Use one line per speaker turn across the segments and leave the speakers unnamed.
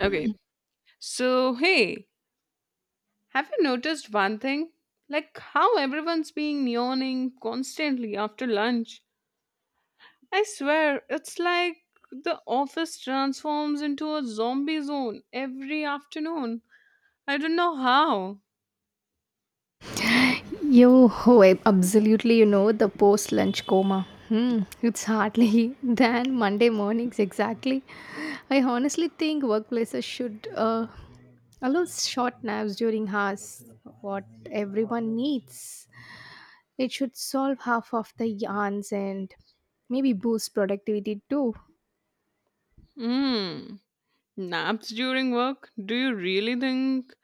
Okay. So, hey, have you noticed one thing? Like how everyone's being yawning constantly after lunch. I swear, it's like the office transforms into a zombie zone every afternoon. I don't know how.
I absolutely, the post lunch coma. Hmm, it's hardly than Monday mornings, exactly. I honestly think workplaces should allow short naps during hours, what everyone needs. It should solve half of the yarns and maybe boost productivity too.
Hmm. Naps during work? Do you really think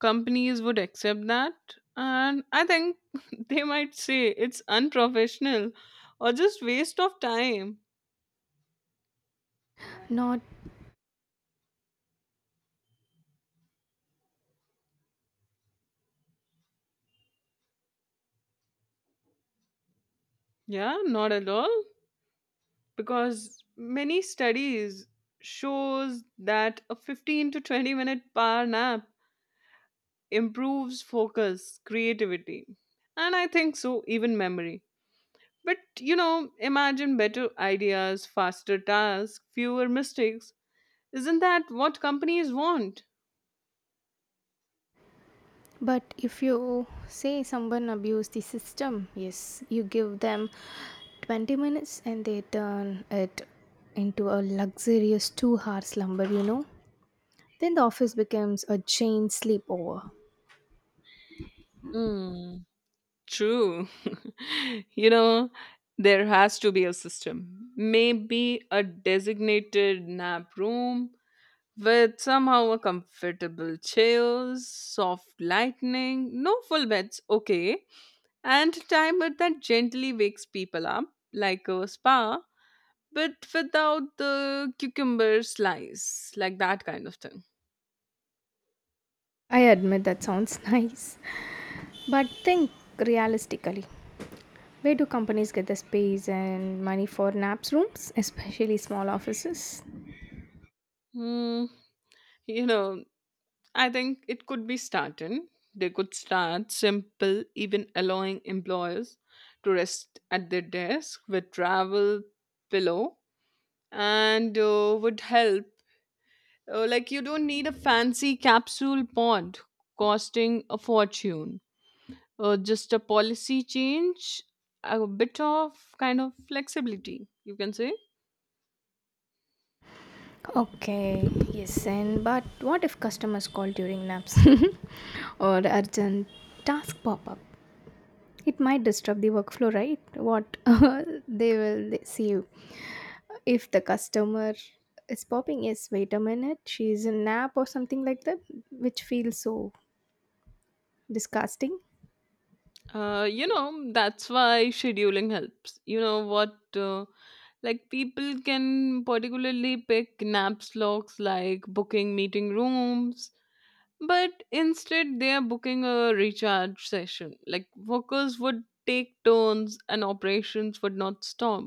companies would accept that? And I think they might say it's unprofessional or just waste of time.
Not
Yeah, not at all. Because many studies shows that a 15 to 20 minute power nap improves focus creativity, and I think so even memory. But imagine better ideas, faster tasks, fewer mistakes. Isn't that what companies want?
But if you say someone abused the system, yes, you give them 20 minutes and they turn it into a luxurious 2 hour slumber. Then the office becomes a chain sleepover.
Mm. True. You know, there has to be a system. Maybe a designated nap room, with somehow a comfortable chills, soft lightning, no full beds, okay, and timer that gently wakes people up, like a spa, but without the cucumber slice, like that kind of thing.
I admit that sounds nice, but think realistically. Where do companies get the space and money for naps rooms, especially small offices?
Hmm, you know, I think it could be started. They could start simple, even allowing employers to rest at their desk with travel pillow and would help. Like you don't need a fancy capsule pod costing a fortune. Just a policy change, a bit of kind of flexibility, you can say.
Okay, yes, and but what if customers call during naps or urgent task pop up? It might disturb the workflow, right? What they will see you. If the customer is popping, yes, wait a minute, she's in nap or something like that, which feels so disgusting.
You know, that's why scheduling helps. You know what? Like people can particularly pick nap slots like booking meeting rooms, but instead they are booking a recharge session. Like workers would take turns and operations would not stop,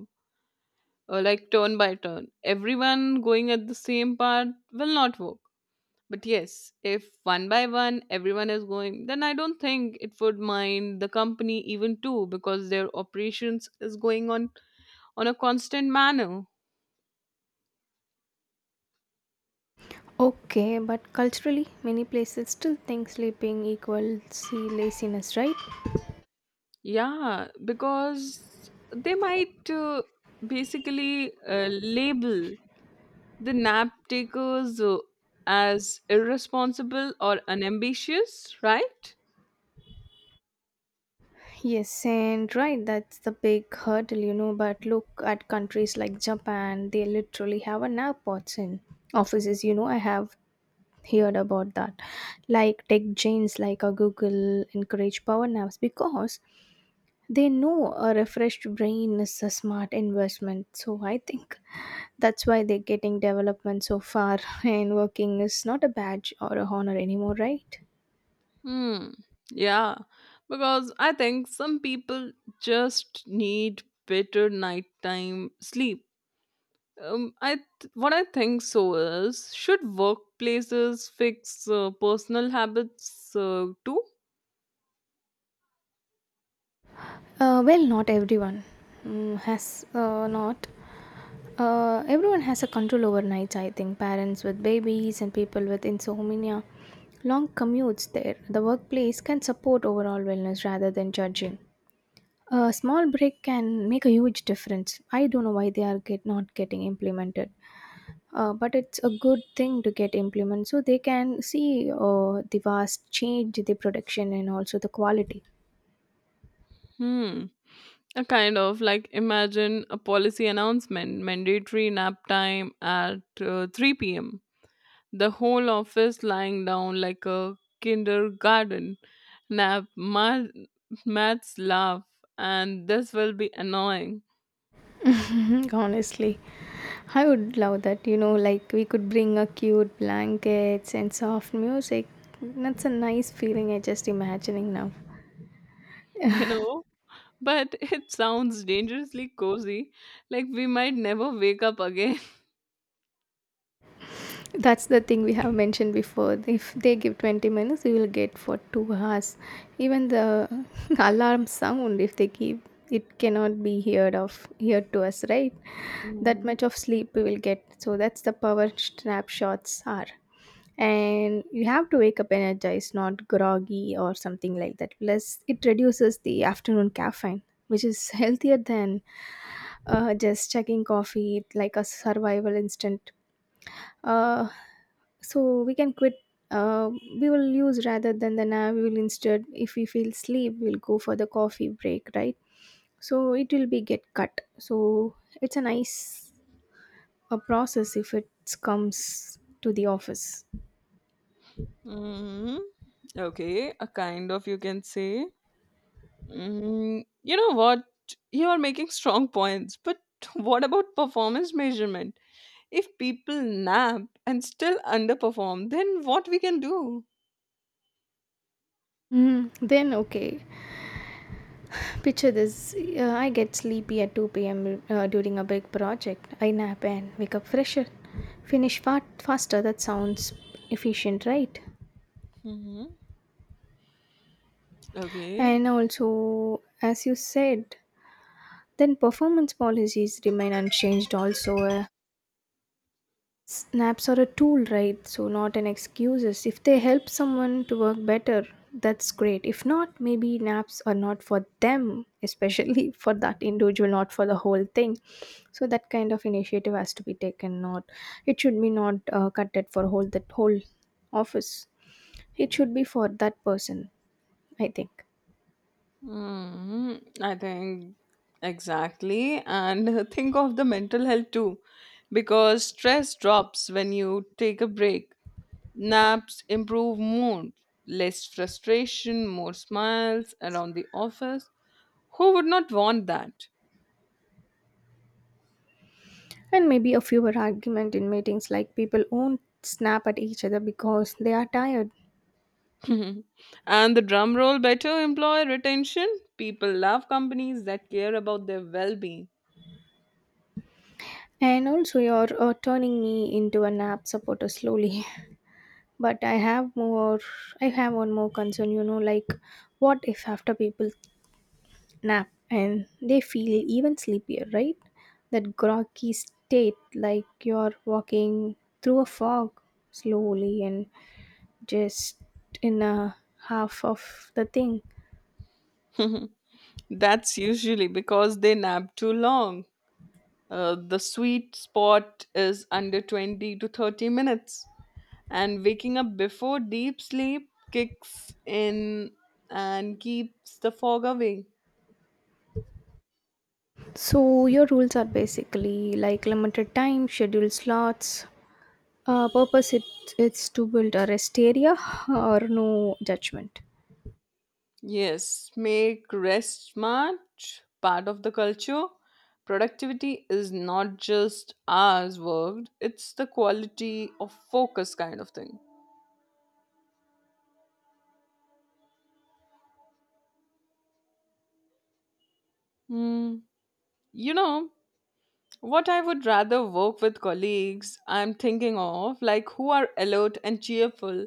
like turn by turn. Everyone going at the same part will not work. But yes, if one by one everyone is going, then I don't think it would mind the company even too, because their operations is going on a constant manner.
Okay, but culturally, many places still think sleeping equals laziness, right?
Yeah, because they might basically label the nap takers as irresponsible or unambitious, right?
Yes, and right, that's the big hurdle. But look at countries like Japan, they literally have an airports in offices. I have heard about that. Like tech giants like a Google encourage power naps because they know a refreshed brain is a smart investment. So I think that's why they're getting development so far, and working is not a badge or a honor anymore, right?
Hmm. Yeah, because I think some people just need better nighttime sleep. What I think so is, should workplaces fix personal habits too?
Well, not everyone has not. Everyone has a control over nights, I think. Parents with babies and people with insomnia, long commutes there. The workplace can support overall wellness rather than judging. A small break can make a huge difference. I don't know why they are not getting implemented, but it's a good thing to get implemented so they can see the vast change, the production, and also the quality.
Hmm. A kind of, like imagine a policy announcement, mandatory nap time at 3 p.m., the whole office lying down like a kindergarten nap math, maths laugh, and this will be annoying.
Honestly, I would love that. You know, like we could bring a cute blankets and soft music. That's a nice feeling. I just imagining now.
You know, but it sounds dangerously cozy, like we might never wake up again.
That's the thing we have mentioned before. If they give 20 minutes, we will get for 2 hours. Even the alarm sound, if they give, it cannot be heard of heard to us, right? That
Hmm.
much of sleep we will get. So that's the power snapshots are. And you have to wake up energized, not groggy or something like that. Plus it reduces the afternoon caffeine, which is healthier than just checking coffee like a survival instinct uh, so we can quit uh, we will use rather than the now. We will instead, if we feel sleep, we'll go for the coffee break, right? So it will be get cut, so it's a nice a process if it comes to the office.
Hmm. Okay, a kind of, you can say. You know what, you are making strong points, but what about performance measurement? If people nap and still underperform, then what we can do?
Mm, then okay. Picture this. I get sleepy at 2 p.m. During a big project. I nap and wake up fresher, faster. That sounds efficient, right?
Hmm. Okay.
And also, as you said, then performance policies remain unchanged, also, snaps are a tool, right? So, not an excuses. If they help someone to work better, that's great. If not, maybe naps are not for them, especially for that individual, not for the whole thing. So that kind of initiative has to be taken. Not it should be not cut it for whole that whole office. It should be for that person, I think.
Hmm. I think exactly. And think of the mental health too, because stress drops when you take a break. Naps improve mood, less frustration, more smiles around the office. Who would not want that?
And maybe a fewer argument in meetings, like people won't snap at each other because they are tired.
And the drum roll, better employee retention. People love companies that care about their well being.
And also, you're turning me into an app supporter slowly. But I have more. I have one more concern. What if after people nap and they feel even sleepier, right? That groggy state, like you're walking through a fog slowly and just in a half of the thing.
That's usually because they nap too long. The sweet spot is under 20 to 30 minutes. And waking up before deep sleep kicks in and keeps the fog away.
So your rules are basically like limited time, scheduled slots, Uh, purpose it, it's to build a rest area or no judgment.
Yes, make rest smart part of the culture. Productivity is not just hours worked, it's the quality of focus kind of thing. Hmm. You know, what I would rather work with colleagues I'm thinking of, like who are alert and cheerful,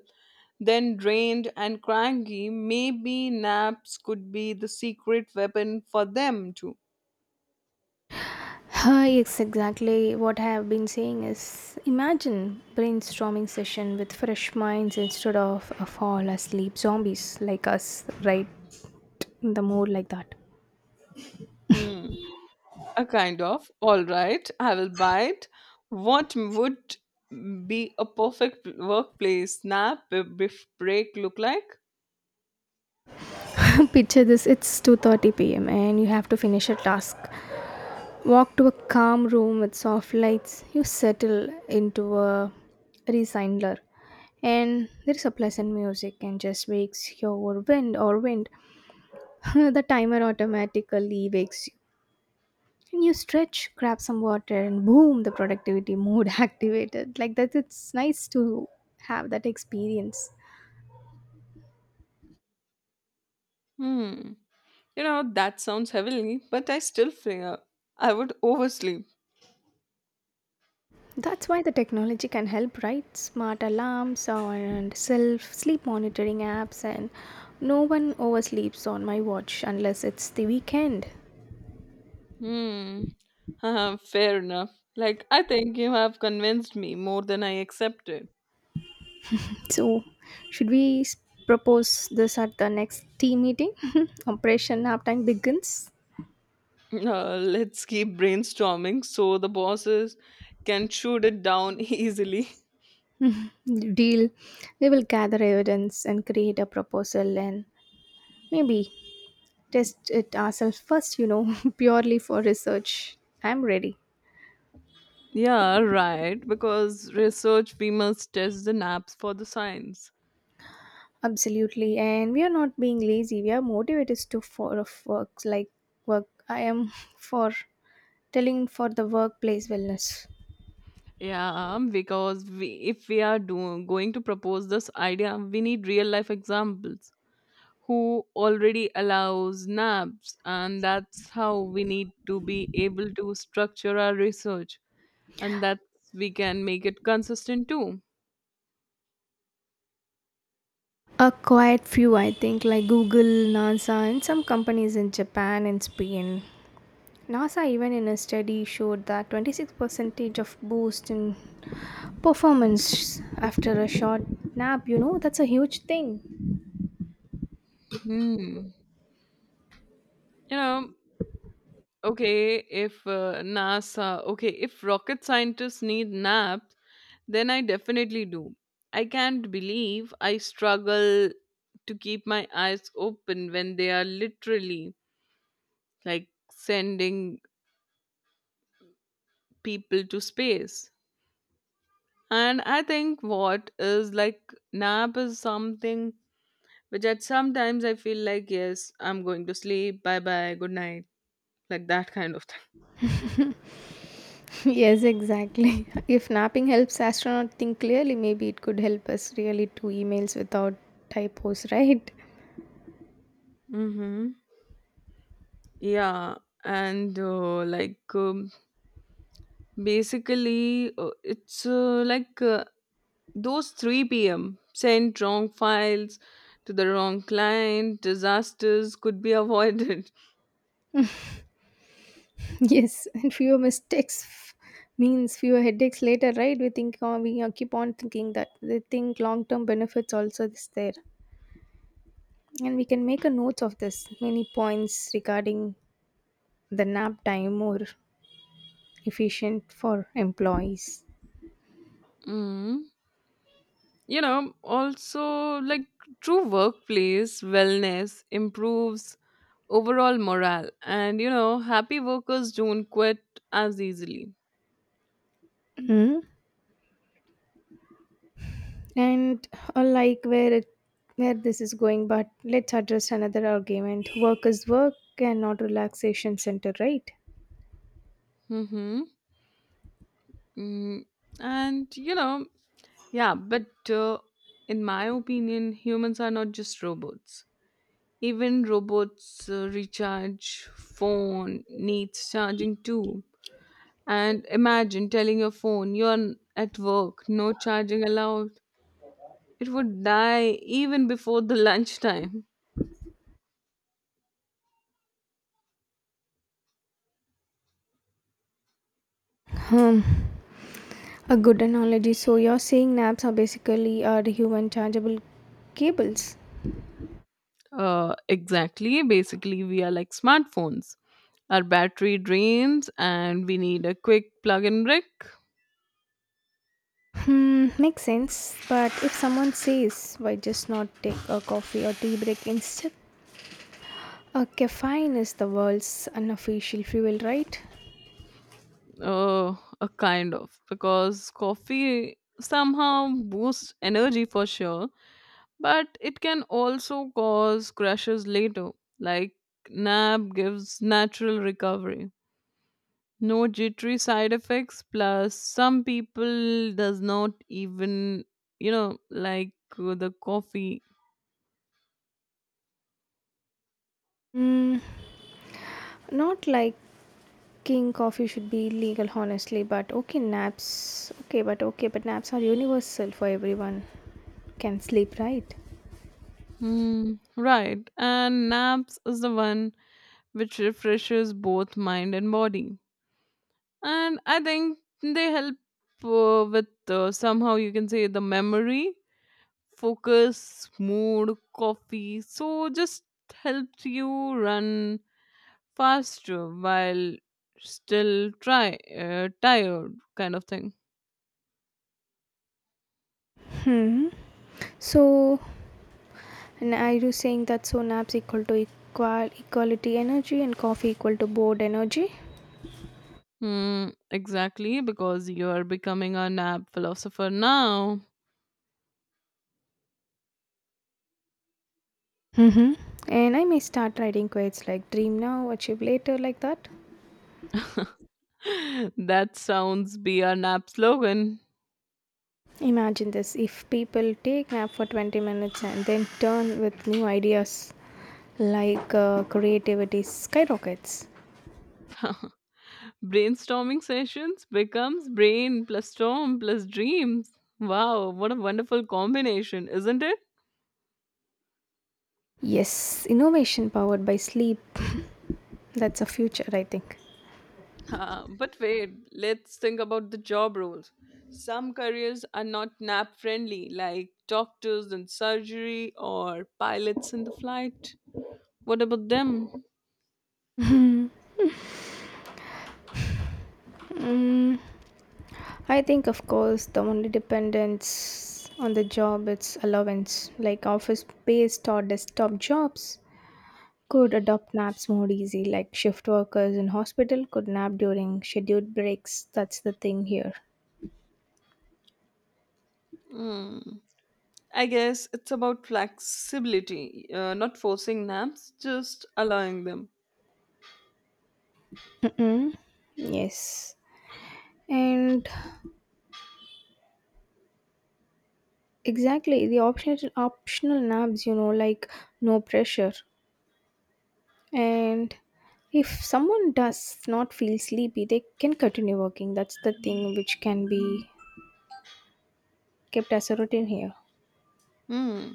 then drained and cranky. Maybe naps could be the secret weapon for them too.
Hi, it's exactly what I have been saying is imagine brainstorming session with fresh minds instead of a fall asleep zombies like us, right? In the mood like that.
Hmm. A kind of. All right, I will bite. What would be a perfect workplace break look like?
Picture this, it's 2:30 pm and you have to finish a task. Walk to a calm room with soft lights. You settle into a recliner, and there is a pleasant music and just wakes your wind or wind. The timer automatically wakes you. And you stretch, grab some water, and boom, the productivity mode activated. Like that, it's nice to have that experience.
Hmm. You know, that sounds heavily, but I still fear I would oversleep.
That's why the technology can help, right? Smart alarms and self sleep monitoring apps, and no one oversleeps on my watch unless it's the weekend.
Hmm. Fair enough. Like, I think you have convinced me more than I accepted.
So, should we s- propose this at the next team meeting? Operation Naptime begins.
Let's keep brainstorming so the bosses can shoot it down easily.
Deal. We will gather evidence and create a proposal and maybe test it ourselves first, you know, purely for research. I'm ready.
Yeah, right. Because research, we must test the naps for the science.
Absolutely, and we are not being lazy. We are motivated to for of works like work. I am for telling for the workplace wellness.
Yeah, because we, if we are doing, going to propose this idea, we need real life examples. Who already allows naps, and that's how we need to be able to structure our research, and that we can make it consistent too.
A quiet few, I think, like Google, NASA, and some companies in Japan and Spain. NASA, even in a study, showed that 26 percentage of boost in performance after a short nap. You know, that's a huge thing.
Hmm. You know, okay, if NASA, okay, if rocket scientists need naps, then I definitely do. I can't believe I struggle to keep my eyes open when they are literally, like, sending people to space. And I think what is like nap is something which at sometimes I feel like, yes, I'm going to sleep, bye bye, good night, like that kind of thing.
Yes, exactly. If napping helps astronaut think clearly, maybe it could help us really to emails without typos, right?
Mm-hmm. Yeah. And like basically, it's like Those 3 p.m. sent wrong files to the wrong client, disasters could be avoided.
Yes, and fewer mistakes means fewer headaches later, right? We keep on thinking that they think long term benefits also is there, and we can make a note of this many points regarding the nap time more efficient for employees.
Mhm. You know, also like, true workplace wellness improves overall morale, and happy workers don't quit as easily.
And I like where this is going, but let's address another argument: work is work and not relaxation center, right?
Mm-hmm. Mm. And you know, yeah, but in my opinion, humans are not just robots. Even robots recharge, phone needs charging too. And imagine telling your phone, you're at work, no charging allowed. It would die even before the lunchtime.
Um, a good analogy. So you're saying naps are basically are human chargeable cables.
Exactly. Basically, we are like smartphones. Our battery drains, and we need a quick plug-in brick.
Hmm, makes sense. But if someone says why just not take a coffee or tea break instead, a caffeine is the world's unofficial fuel, right?
Uh, a kind of, because coffee somehow boosts energy for sure, but it can also cause crashes later, like nap gives natural recovery. No jittery side effects. Plus, some people does not even, you know like the coffee.
Mm, not like King coffee should be legal, honestly, but okay, naps. Okay, but naps are universal for everyone. Can sleep, right?
Hmm, right. And naps is the one which refreshes both mind and body, and I think they help with, somehow you can say, the memory, focus, mood. Coffee so just helps you run fast while still try tired kind of thing.
Hmm. So, and are you saying that so naps equal to equality energy and coffee equal to bored energy?
Hmm, exactly, because you're becoming a nap philosopher now.
Mm-hmm. And I may start writing quotes like dream now, achieve later, like that.
That sounds be our nap slogan.
Imagine this, if people take nap for 20 minutes and then turn with new ideas, like creativity skyrockets.
Brainstorming sessions becomes brain plus storm plus dreams. Wow, what a wonderful combination, isn't it?
Yes, innovation powered by sleep. That's a future, I think.
Huh, but wait, let's think about the job roles. Some careers are not nap friendly, like doctors in surgery or pilots in the flight. What about them?
I think, of course, the only dependence on the job is allowance, like office based or desktop jobs could adopt naps more easy. Like shift workers in hospital could nap during scheduled breaks, that's the thing here.
Hmm. I guess it's about flexibility, not forcing naps, just allowing them.
Mm-mm. Yes. And exactly the optional naps, you know, like no pressure. And if someone does not feel sleepy, they can continue working. That's the thing which can be kept as a routine here.
Hmm.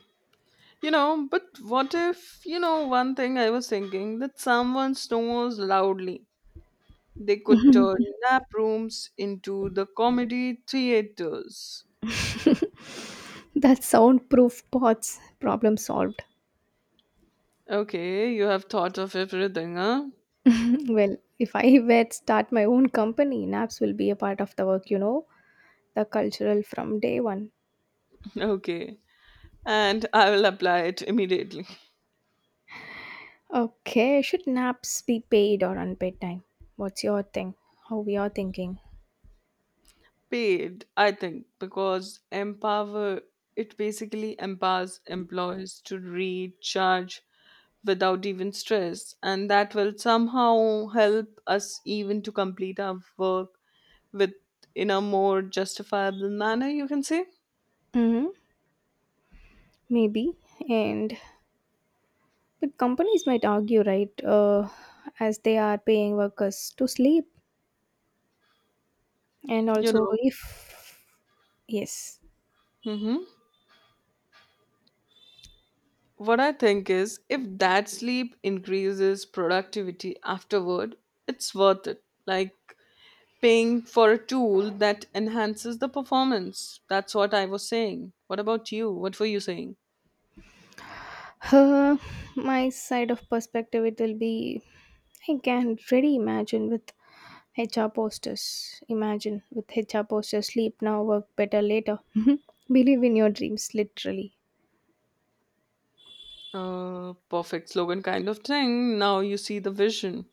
You know, but what if, you know, one thing I was thinking, that someone snores loudly? They could turn nap rooms into the comedy theaters.
That soundproof pods problem solved.
Okay, you have thought of everything, huh?
Well, if I were to start my own company, naps will be a part of the work, you know, the cultural from day one.
Okay. And I will apply it immediately.
Okay, should naps be paid or unpaid time? What's your thing? How we are thinking?
Paid, I think, because empower, it basically empowers employees to recharge without even stress, and that will somehow help us even to complete our work with in a more justifiable manner, you can say.
Mm-hmm. Maybe. And but companies might argue, right, as they are paying workers to sleep. And
You
also,
know.
if yes,
Mm-hmm. What I think is, if that sleep increases productivity afterward, it's worth it. Like paying for a tool that enhances the performance. That's what I was saying. What about you? What were you saying?
uh, my side of perspective, it will be I can really imagine with HR posters. Imagine with HR posters, sleep now, work better later. Believe in your dreams, literally.
Perfect slogan kind of thing. Now you see the vision.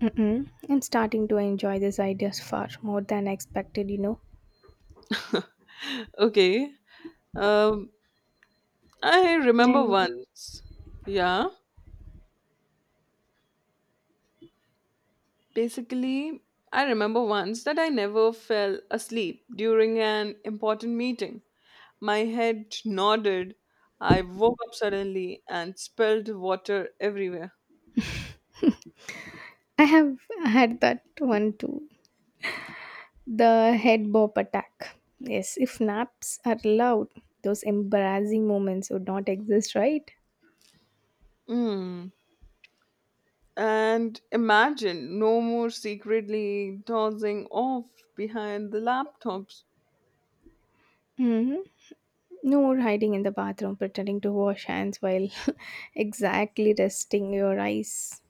Mm-mm. I'm starting to enjoy these ideas far more than I expected, you know.
Okay. Um, I remember
And
once. Yeah. Basically, I remember once that I never fell asleep during an important meeting. My head nodded. I woke up suddenly and spilled water everywhere.
I have had that one too. The head bob attack. Yes, if naps are allowed, those embarrassing moments would not exist, right?
Mm. And imagine no more secretly dozing off behind the laptops.
Hmm. No more hiding in the bathroom, pretending to wash hands while exactly resting your eyes.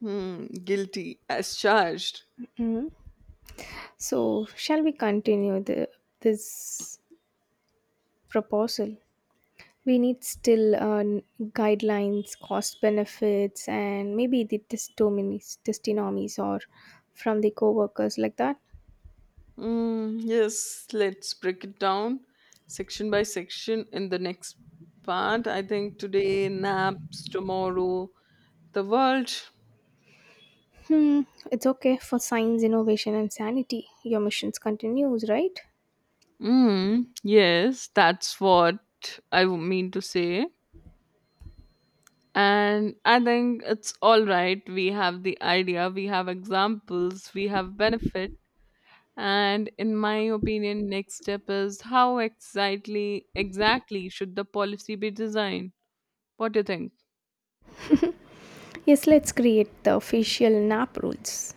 Hmm, guilty as charged.
Mhm. So, shall we continue this proposal? We need still guidelines, cost benefits, and maybe the testimonies or from the co workers like that.
Mm, yes, let's break it down section by section in the next part. I think today, naps, tomorrow, the world.
Hmm, it's okay for science, innovation, and sanity. Your missions continues, right?
Mm, yes, that's what I mean to say. And I think it's all right. We have the idea, we have examples, we have benefit. And in my opinion, next step is, how exactly should the policy be designed? What do you think?
Yes, let's create the official nap rules.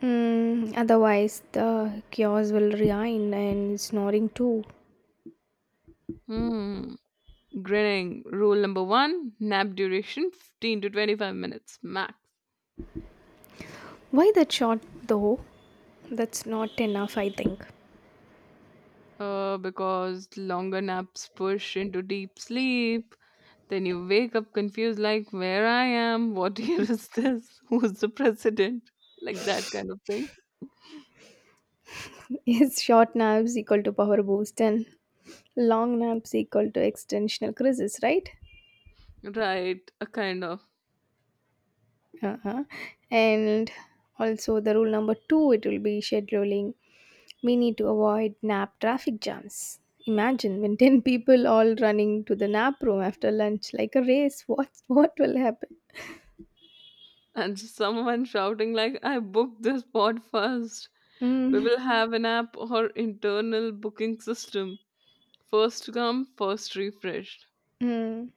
Hmm, otherwise, the chaos will reign and snoring too.
Hmm. Grilling rule number one, nap duration 15 to 25 minutes max.
Why that short though? That's not enough, I think.
Because longer naps push into deep sleep. Then you wake up confused, like, where I am? What year is this? Who's the president? Like that kind of thing.
Is short naps equal to power boost and long naps equal to extensional crisis, right?
Right, a kind of.
Uh-huh. And also the rule number two, it will be scheduling. We need to avoid nap traffic jams. Imagine when 10 people all running to the nap room after lunch like a race. What will happen?
And someone shouting, like, I booked this pod first. We
Mm.
will have an app or internal booking system. First come, first refreshed.
Mm.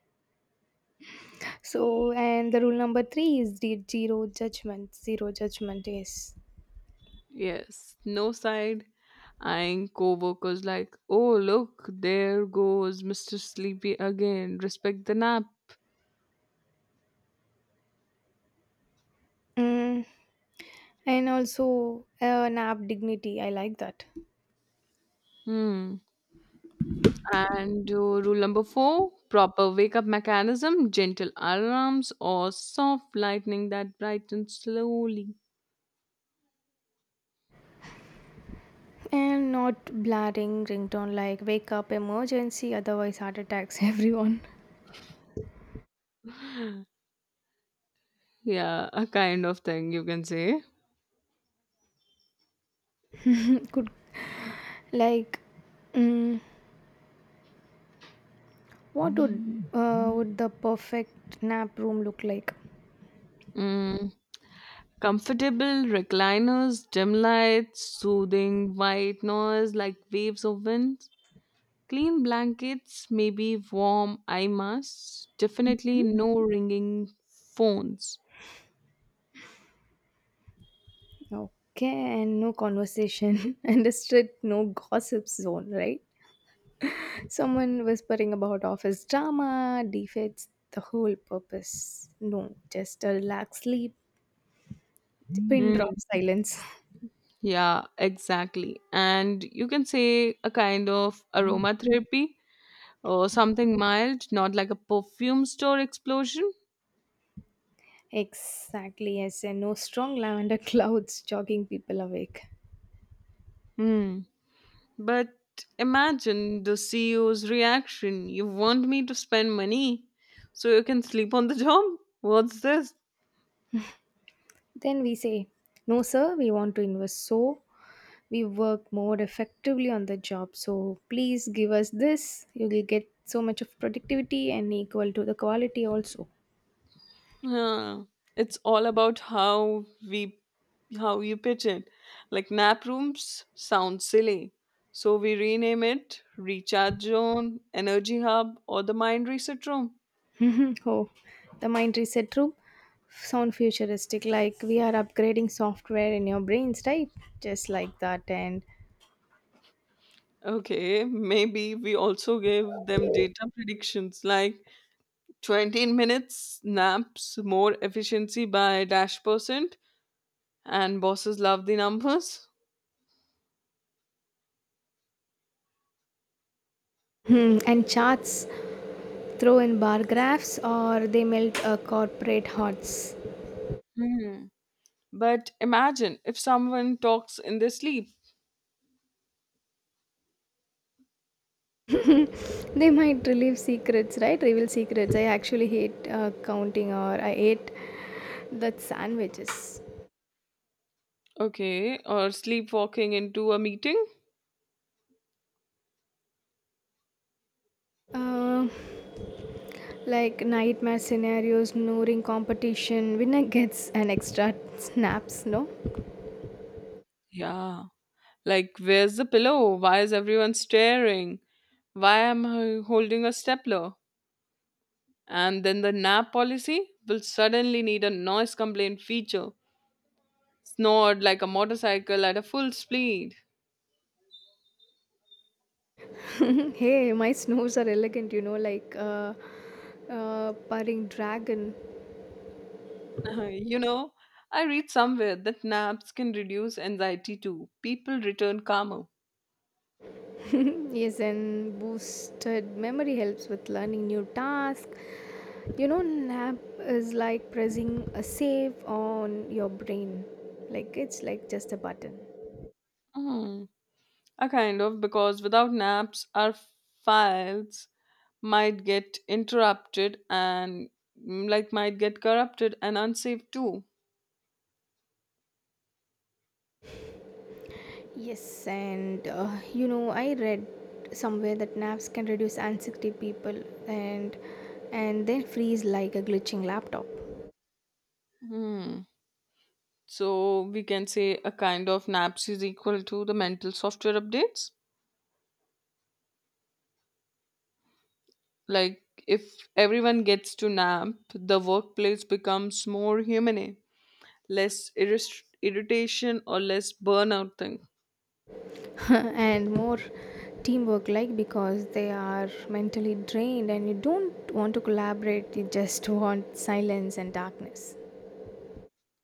So and the rule number three is the zero judgment. Zero judgment is.
Yes, no side eyeing co-workers like, oh look, there goes Mr. Sleepy again. Respect the nap.
Mm. And also nap dignity. I like that.
Hmm. And rule number four, proper wake-up mechanism, gentle alarms or soft lightning that brightens slowly.
And not blaring ringtone like wake up emergency, otherwise heart attacks everyone.
Yeah, a kind of thing you can say.
Good. Like, mm, what would the perfect nap room look like?
Mm. Comfortable recliners, dim lights, soothing white noise like waves of wind. Clean blankets, maybe warm eye masks, definitely no ringing phones.
Okay, and no conversation and a strict no gossip zone, right? Someone whispering about office drama defeats the whole purpose. No, just a relaxed sleep, pin
Mm,
drop silence.
yeah, exactly. And you can say a kind of aromatherapy or something mild, not like a perfume store explosion.
Exactly, yes, and no strong lavender clouds jogging people awake.
Mm. But imagine the CEO's reaction. You want me to spend money so you can sleep on the job? What's this?
Then we say, no, sir, we want to invest so we work more effectively on the job, so please give us this. You will get so much of productivity and equal to the quality also.
Yeah, it's all about how we how you pitch it. Like nap rooms sound silly, so we rename it recharge zone, energy hub, or the mind reset room.
Oh, the mind reset room sound futuristic, like we are upgrading software in your brains, right? Just like that. And
Okay, maybe we also give them data predictions like 20 minutes naps, more efficiency by dash percent, and bosses love the numbers.
hmm, and charts, throw in bar graphs or they melt corporate hearts.
Hmm. But imagine if someone talks in their sleep.
They might relieve secrets, right? Reveal secrets. I actually hate counting, or I ate the sandwiches.
Okay, or sleepwalking into a meeting?
Uh, like nightmare scenarios, snoring competition, winner gets an extra snaps, no?
Yeah. Like, where's the pillow? Why is everyone staring? Why am I holding a stapler? And then the nap policy will suddenly need a noise complaint feature. Snored like a motorcycle at a full speed.
Hey, my snores are elegant, you know, like purring dragon.
Uh, you know, I read somewhere that naps can reduce anxiety too. People return calmer.
Yes, and boosted memory helps with learning new tasks. You know, nap is like pressing a save on your brain. Like it's like just a button.
Hmm. A kind of, because without naps, our files might get interrupted and like might get corrupted and unsaved too.
Yes, and you know, I read somewhere that naps can reduce anxiety people, and then freeze like a glitching laptop.
Hmm. So we can say a kind of naps is equal to the mental software updates. Like if everyone gets to nap, the workplace becomes more humane, less irritation or less burnout thing.
And more teamwork, like because they are mentally drained and you don't want to collaborate, you just want silence and darkness.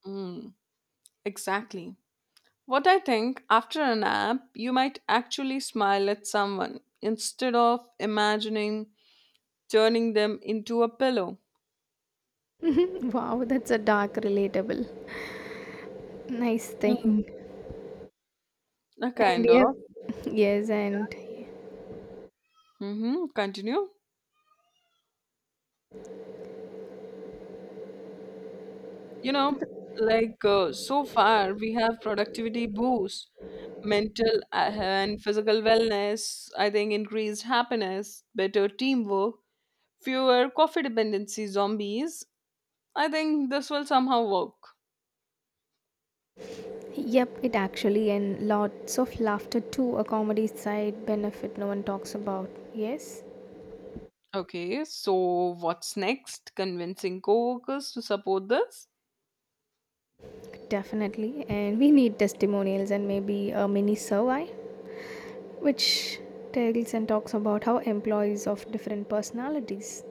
Mm, exactly. What I think after a nap, you might actually smile at someone instead of imagining turning them into a pillow.
Wow, that's a dark, relatable, nice
Mm.
thing.
A
And
kind
yeah,
of.
yes, and
Hmm. Continue. You know, so far, we have productivity boost, mental and physical wellness, I think increased happiness, better teamwork, fewer coffee dependency zombies. I think this will somehow work.
yep, it actually and lots of laughter too, a comedy side benefit no one talks about. Yes,
Okay, so what's next? Convincing coworkers to support this?
definitely. And we need testimonials and maybe a mini survey which tells and talks about how employees of different personalities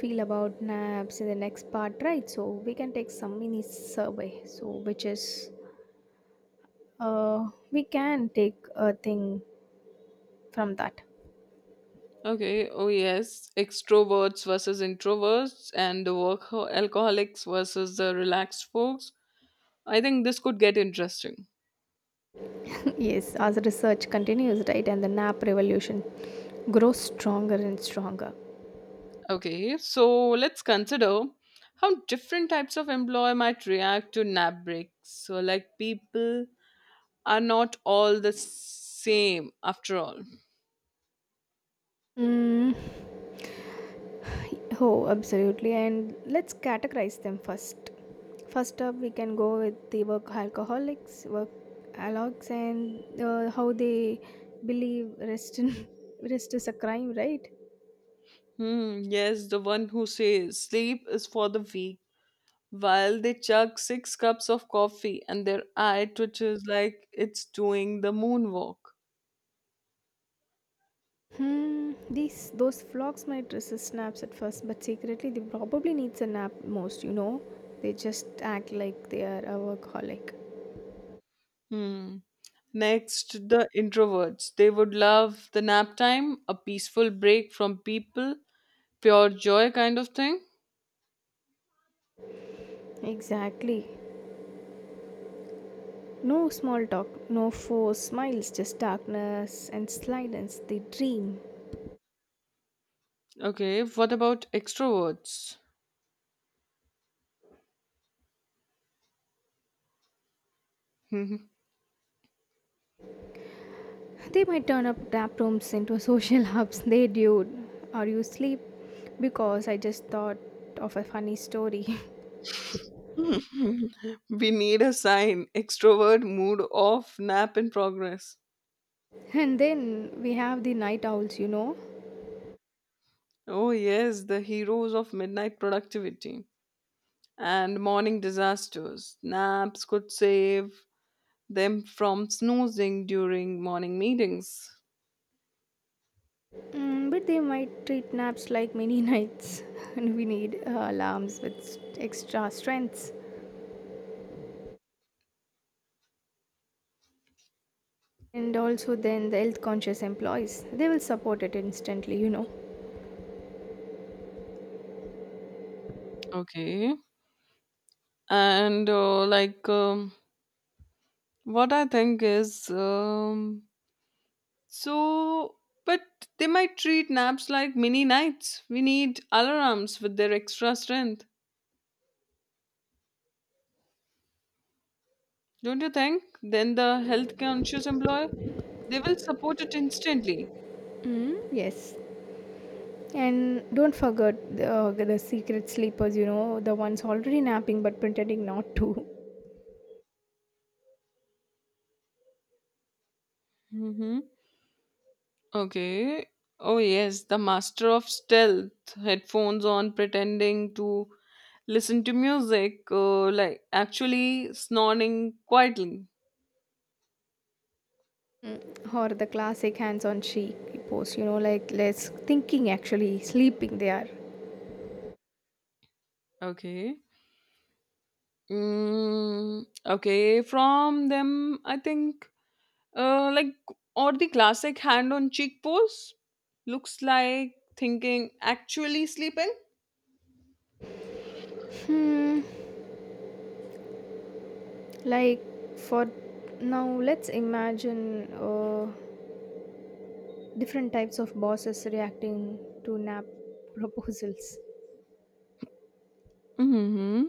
feel about naps in the next part, right? So we can take some mini survey. So which is we can take a thing from that.
Okay, oh yes, extroverts versus introverts and the work alcoholics versus the relaxed folks. I think this could get interesting.
Yes, as research continues, right, and the nap revolution grows stronger and stronger.
Okay, so let's consider how different types of employee might react to nap breaks. So, like, people are not all the same after all.
Mm, oh, absolutely. And let's categorize them first. First up, we can go with the work alcoholics, and how they believe rest in, rest is a crime, right?
Hmm, yes, the one who says sleep is for the weak while they chug six cups of coffee and their eye twitches like it's doing the moonwalk.
Hmm. These those flocks might resist naps at first, but secretly they probably needs a nap most. You know, they just act like they are a workaholic.
Hmm. Next, the introverts. They would love the nap time, a peaceful break from people, pure joy kind of thing.
Exactly. No small talk, no forced smiles, just darkness and silence. They dream.
Okay, what about extroverts? We
They might turn up tap rooms into social hubs. They do. Are you sleep? Because I just thought of a funny story.
need a sign. Extrovert mood off, nap in progress.
And then we have the night owls, you know.
Oh, yes, the heroes of midnight productivity and morning disasters. Naps could save them from snoozing during morning meetings.
Mm, but they might treat naps like many nights, and we need alarms with extra strengths. And also, then the health conscious employees, they will support it instantly, you know.
Okay. And what I think is, so, but they might treat naps like mini nights. We need alarms with their extra strength. Don't you think? Then the health conscious employer, they will support it instantly.
Mm, yes, and don't forget the secret sleepers, you know, the ones already napping but pretending not to.
Hmm. Okay. Oh, yes, the master of stealth, headphones on, pretending to listen to music, like actually snoring quietly.
Mm, or the classic hands on cheek pose, you know, like less thinking, actually sleeping they are.
Okay. Okay, from them, I think, uh, like, or the classic hand on cheek pose looks like thinking actually sleeping.
Hmm, like for now, let's imagine different types of bosses reacting to nap proposals.
Mm-hmm.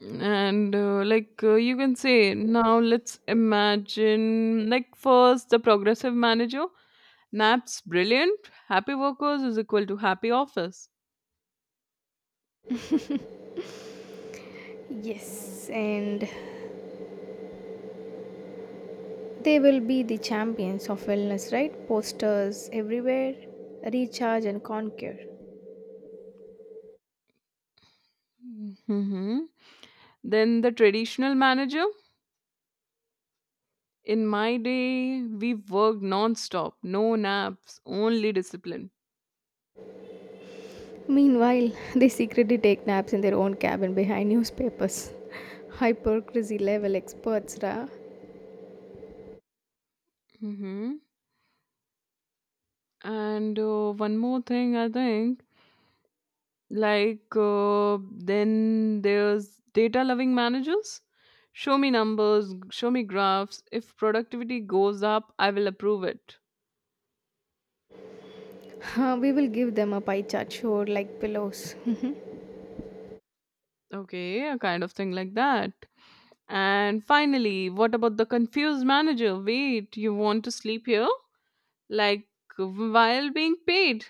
and like you can say now let's imagine like first the progressive manager naps brilliant happy workers is equal to happy office.
Yes, and they will be the champions of wellness, right? Posters everywhere, recharge and conquer.
Mhm. Then the traditional manager in my day we worked non-stop no naps only discipline.
Meanwhile, they secretly take naps in their own cabin behind newspapers. Hypocrisy level experts, ra.
Hmm. and one more thing I think. Like, then there's data loving managers. Show me numbers, show me graphs. If productivity goes up, I will approve it.
Huh, we will give them a pie chart show like pillows.
Okay, a kind of thing like that. And finally, what about the confused manager? Wait, you want to sleep here? Like, while being paid?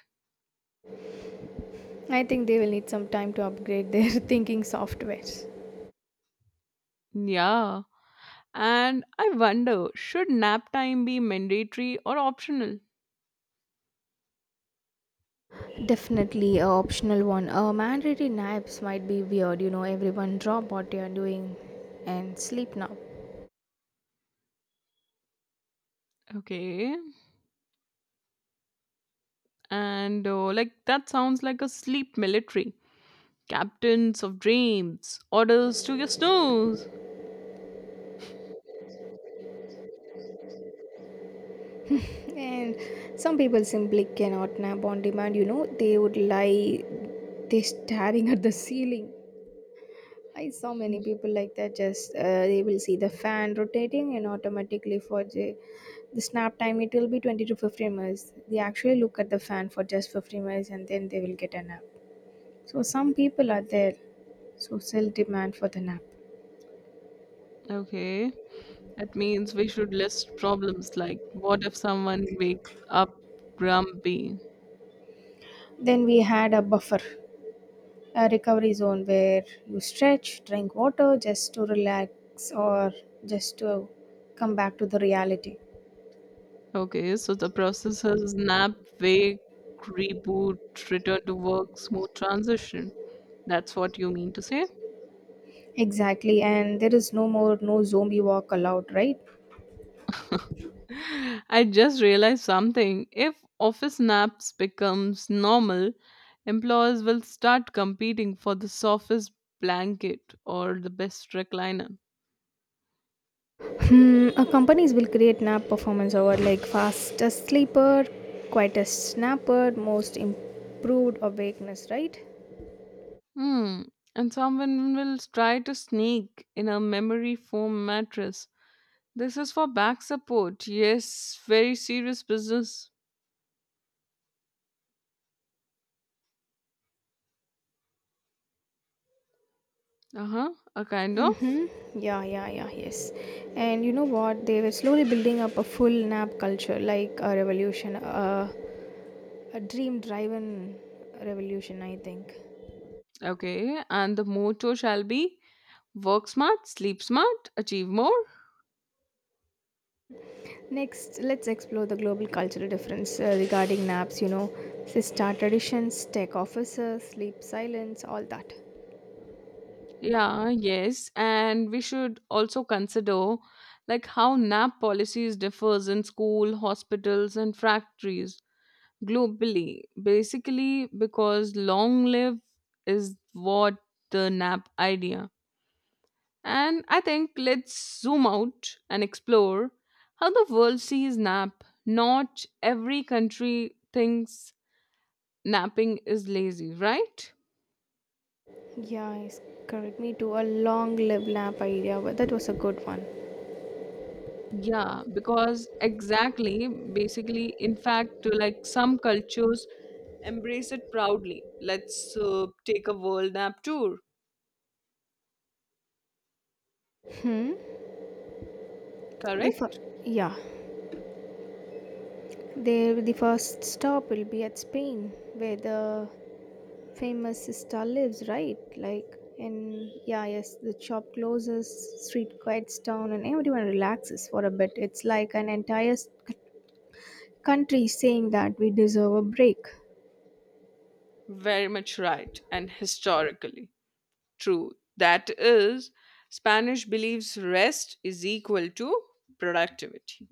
I think they will need some time to upgrade their thinking softwares.
Yeah. And I wonder, should nap time be mandatory or optional?
Definitely a optional one. Mandatory naps might be weird, you know. Everyone drop what you are doing and sleep now.
Okay. And like that sounds like a sleep military. Captains of dreams, orders to your snooze.
And some people simply cannot nap on demand, you know. They would lie, they staring at the ceiling. I saw many people like that. Just they will see the fan rotating, and automatically for the snap time, it will be 20 to 15 minutes. They actually look at the fan for just 15 minutes, and then they will get a nap. So some people are there, so still demand for the nap.
Okay. That means we should list problems like what if someone wakes up grumpy?
Then we had a buffer, a recovery zone where you stretch, drink water, just to relax or just to come back to the reality.
Okay, so the process is nap, wake, reboot, return to work, smooth transition. That's what you mean to say?
Exactly, and there is no more no zombie walk allowed, right?
I just realized something. If office naps becomes normal, employers will start competing for the softest blanket or the best recliner.
Hmm, companies will create nap performance over like fastest sleeper, quietest snapper, most improved awakeness, right?
Hmm. And someone will try to sneak in a memory foam mattress. This is for back support. Yes, very serious business. Uh huh. A kind
Mm-hmm.
of.
Yeah, yeah, yeah, yes. And you know what? They were slowly building up a full nap culture, like a revolution, a dream driven revolution, I think.
Okay. And the motto shall be work smart, sleep smart, achieve more.
Next, let's explore the global cultural difference regarding naps, you know, siesta traditions, tech offices, sleep silence, all that.
Yeah, yes, and we should also consider like how nap policies differs in school, hospitals and factories globally. Basically because long live is what the nap idea. And I think let's zoom out and explore how the world sees nap. Not every country thinks napping is lazy, right?
Yeah, it's correct. Me too. A long live lamp idea, but that was a good one.
Yeah, because exactly, basically, in fact, like some cultures embrace it proudly. Let's take a world map tour,
The fir-
correct?
yeah, the first stop will be at Spain, where the famous sister lives, right? Like, and yeah, yes, the shop closes, street quiets down, and everyone relaxes for a bit. It's like an entire country saying that we deserve a break.
Very much right, and historically true. That is, Spanish believes rest is equal to productivity.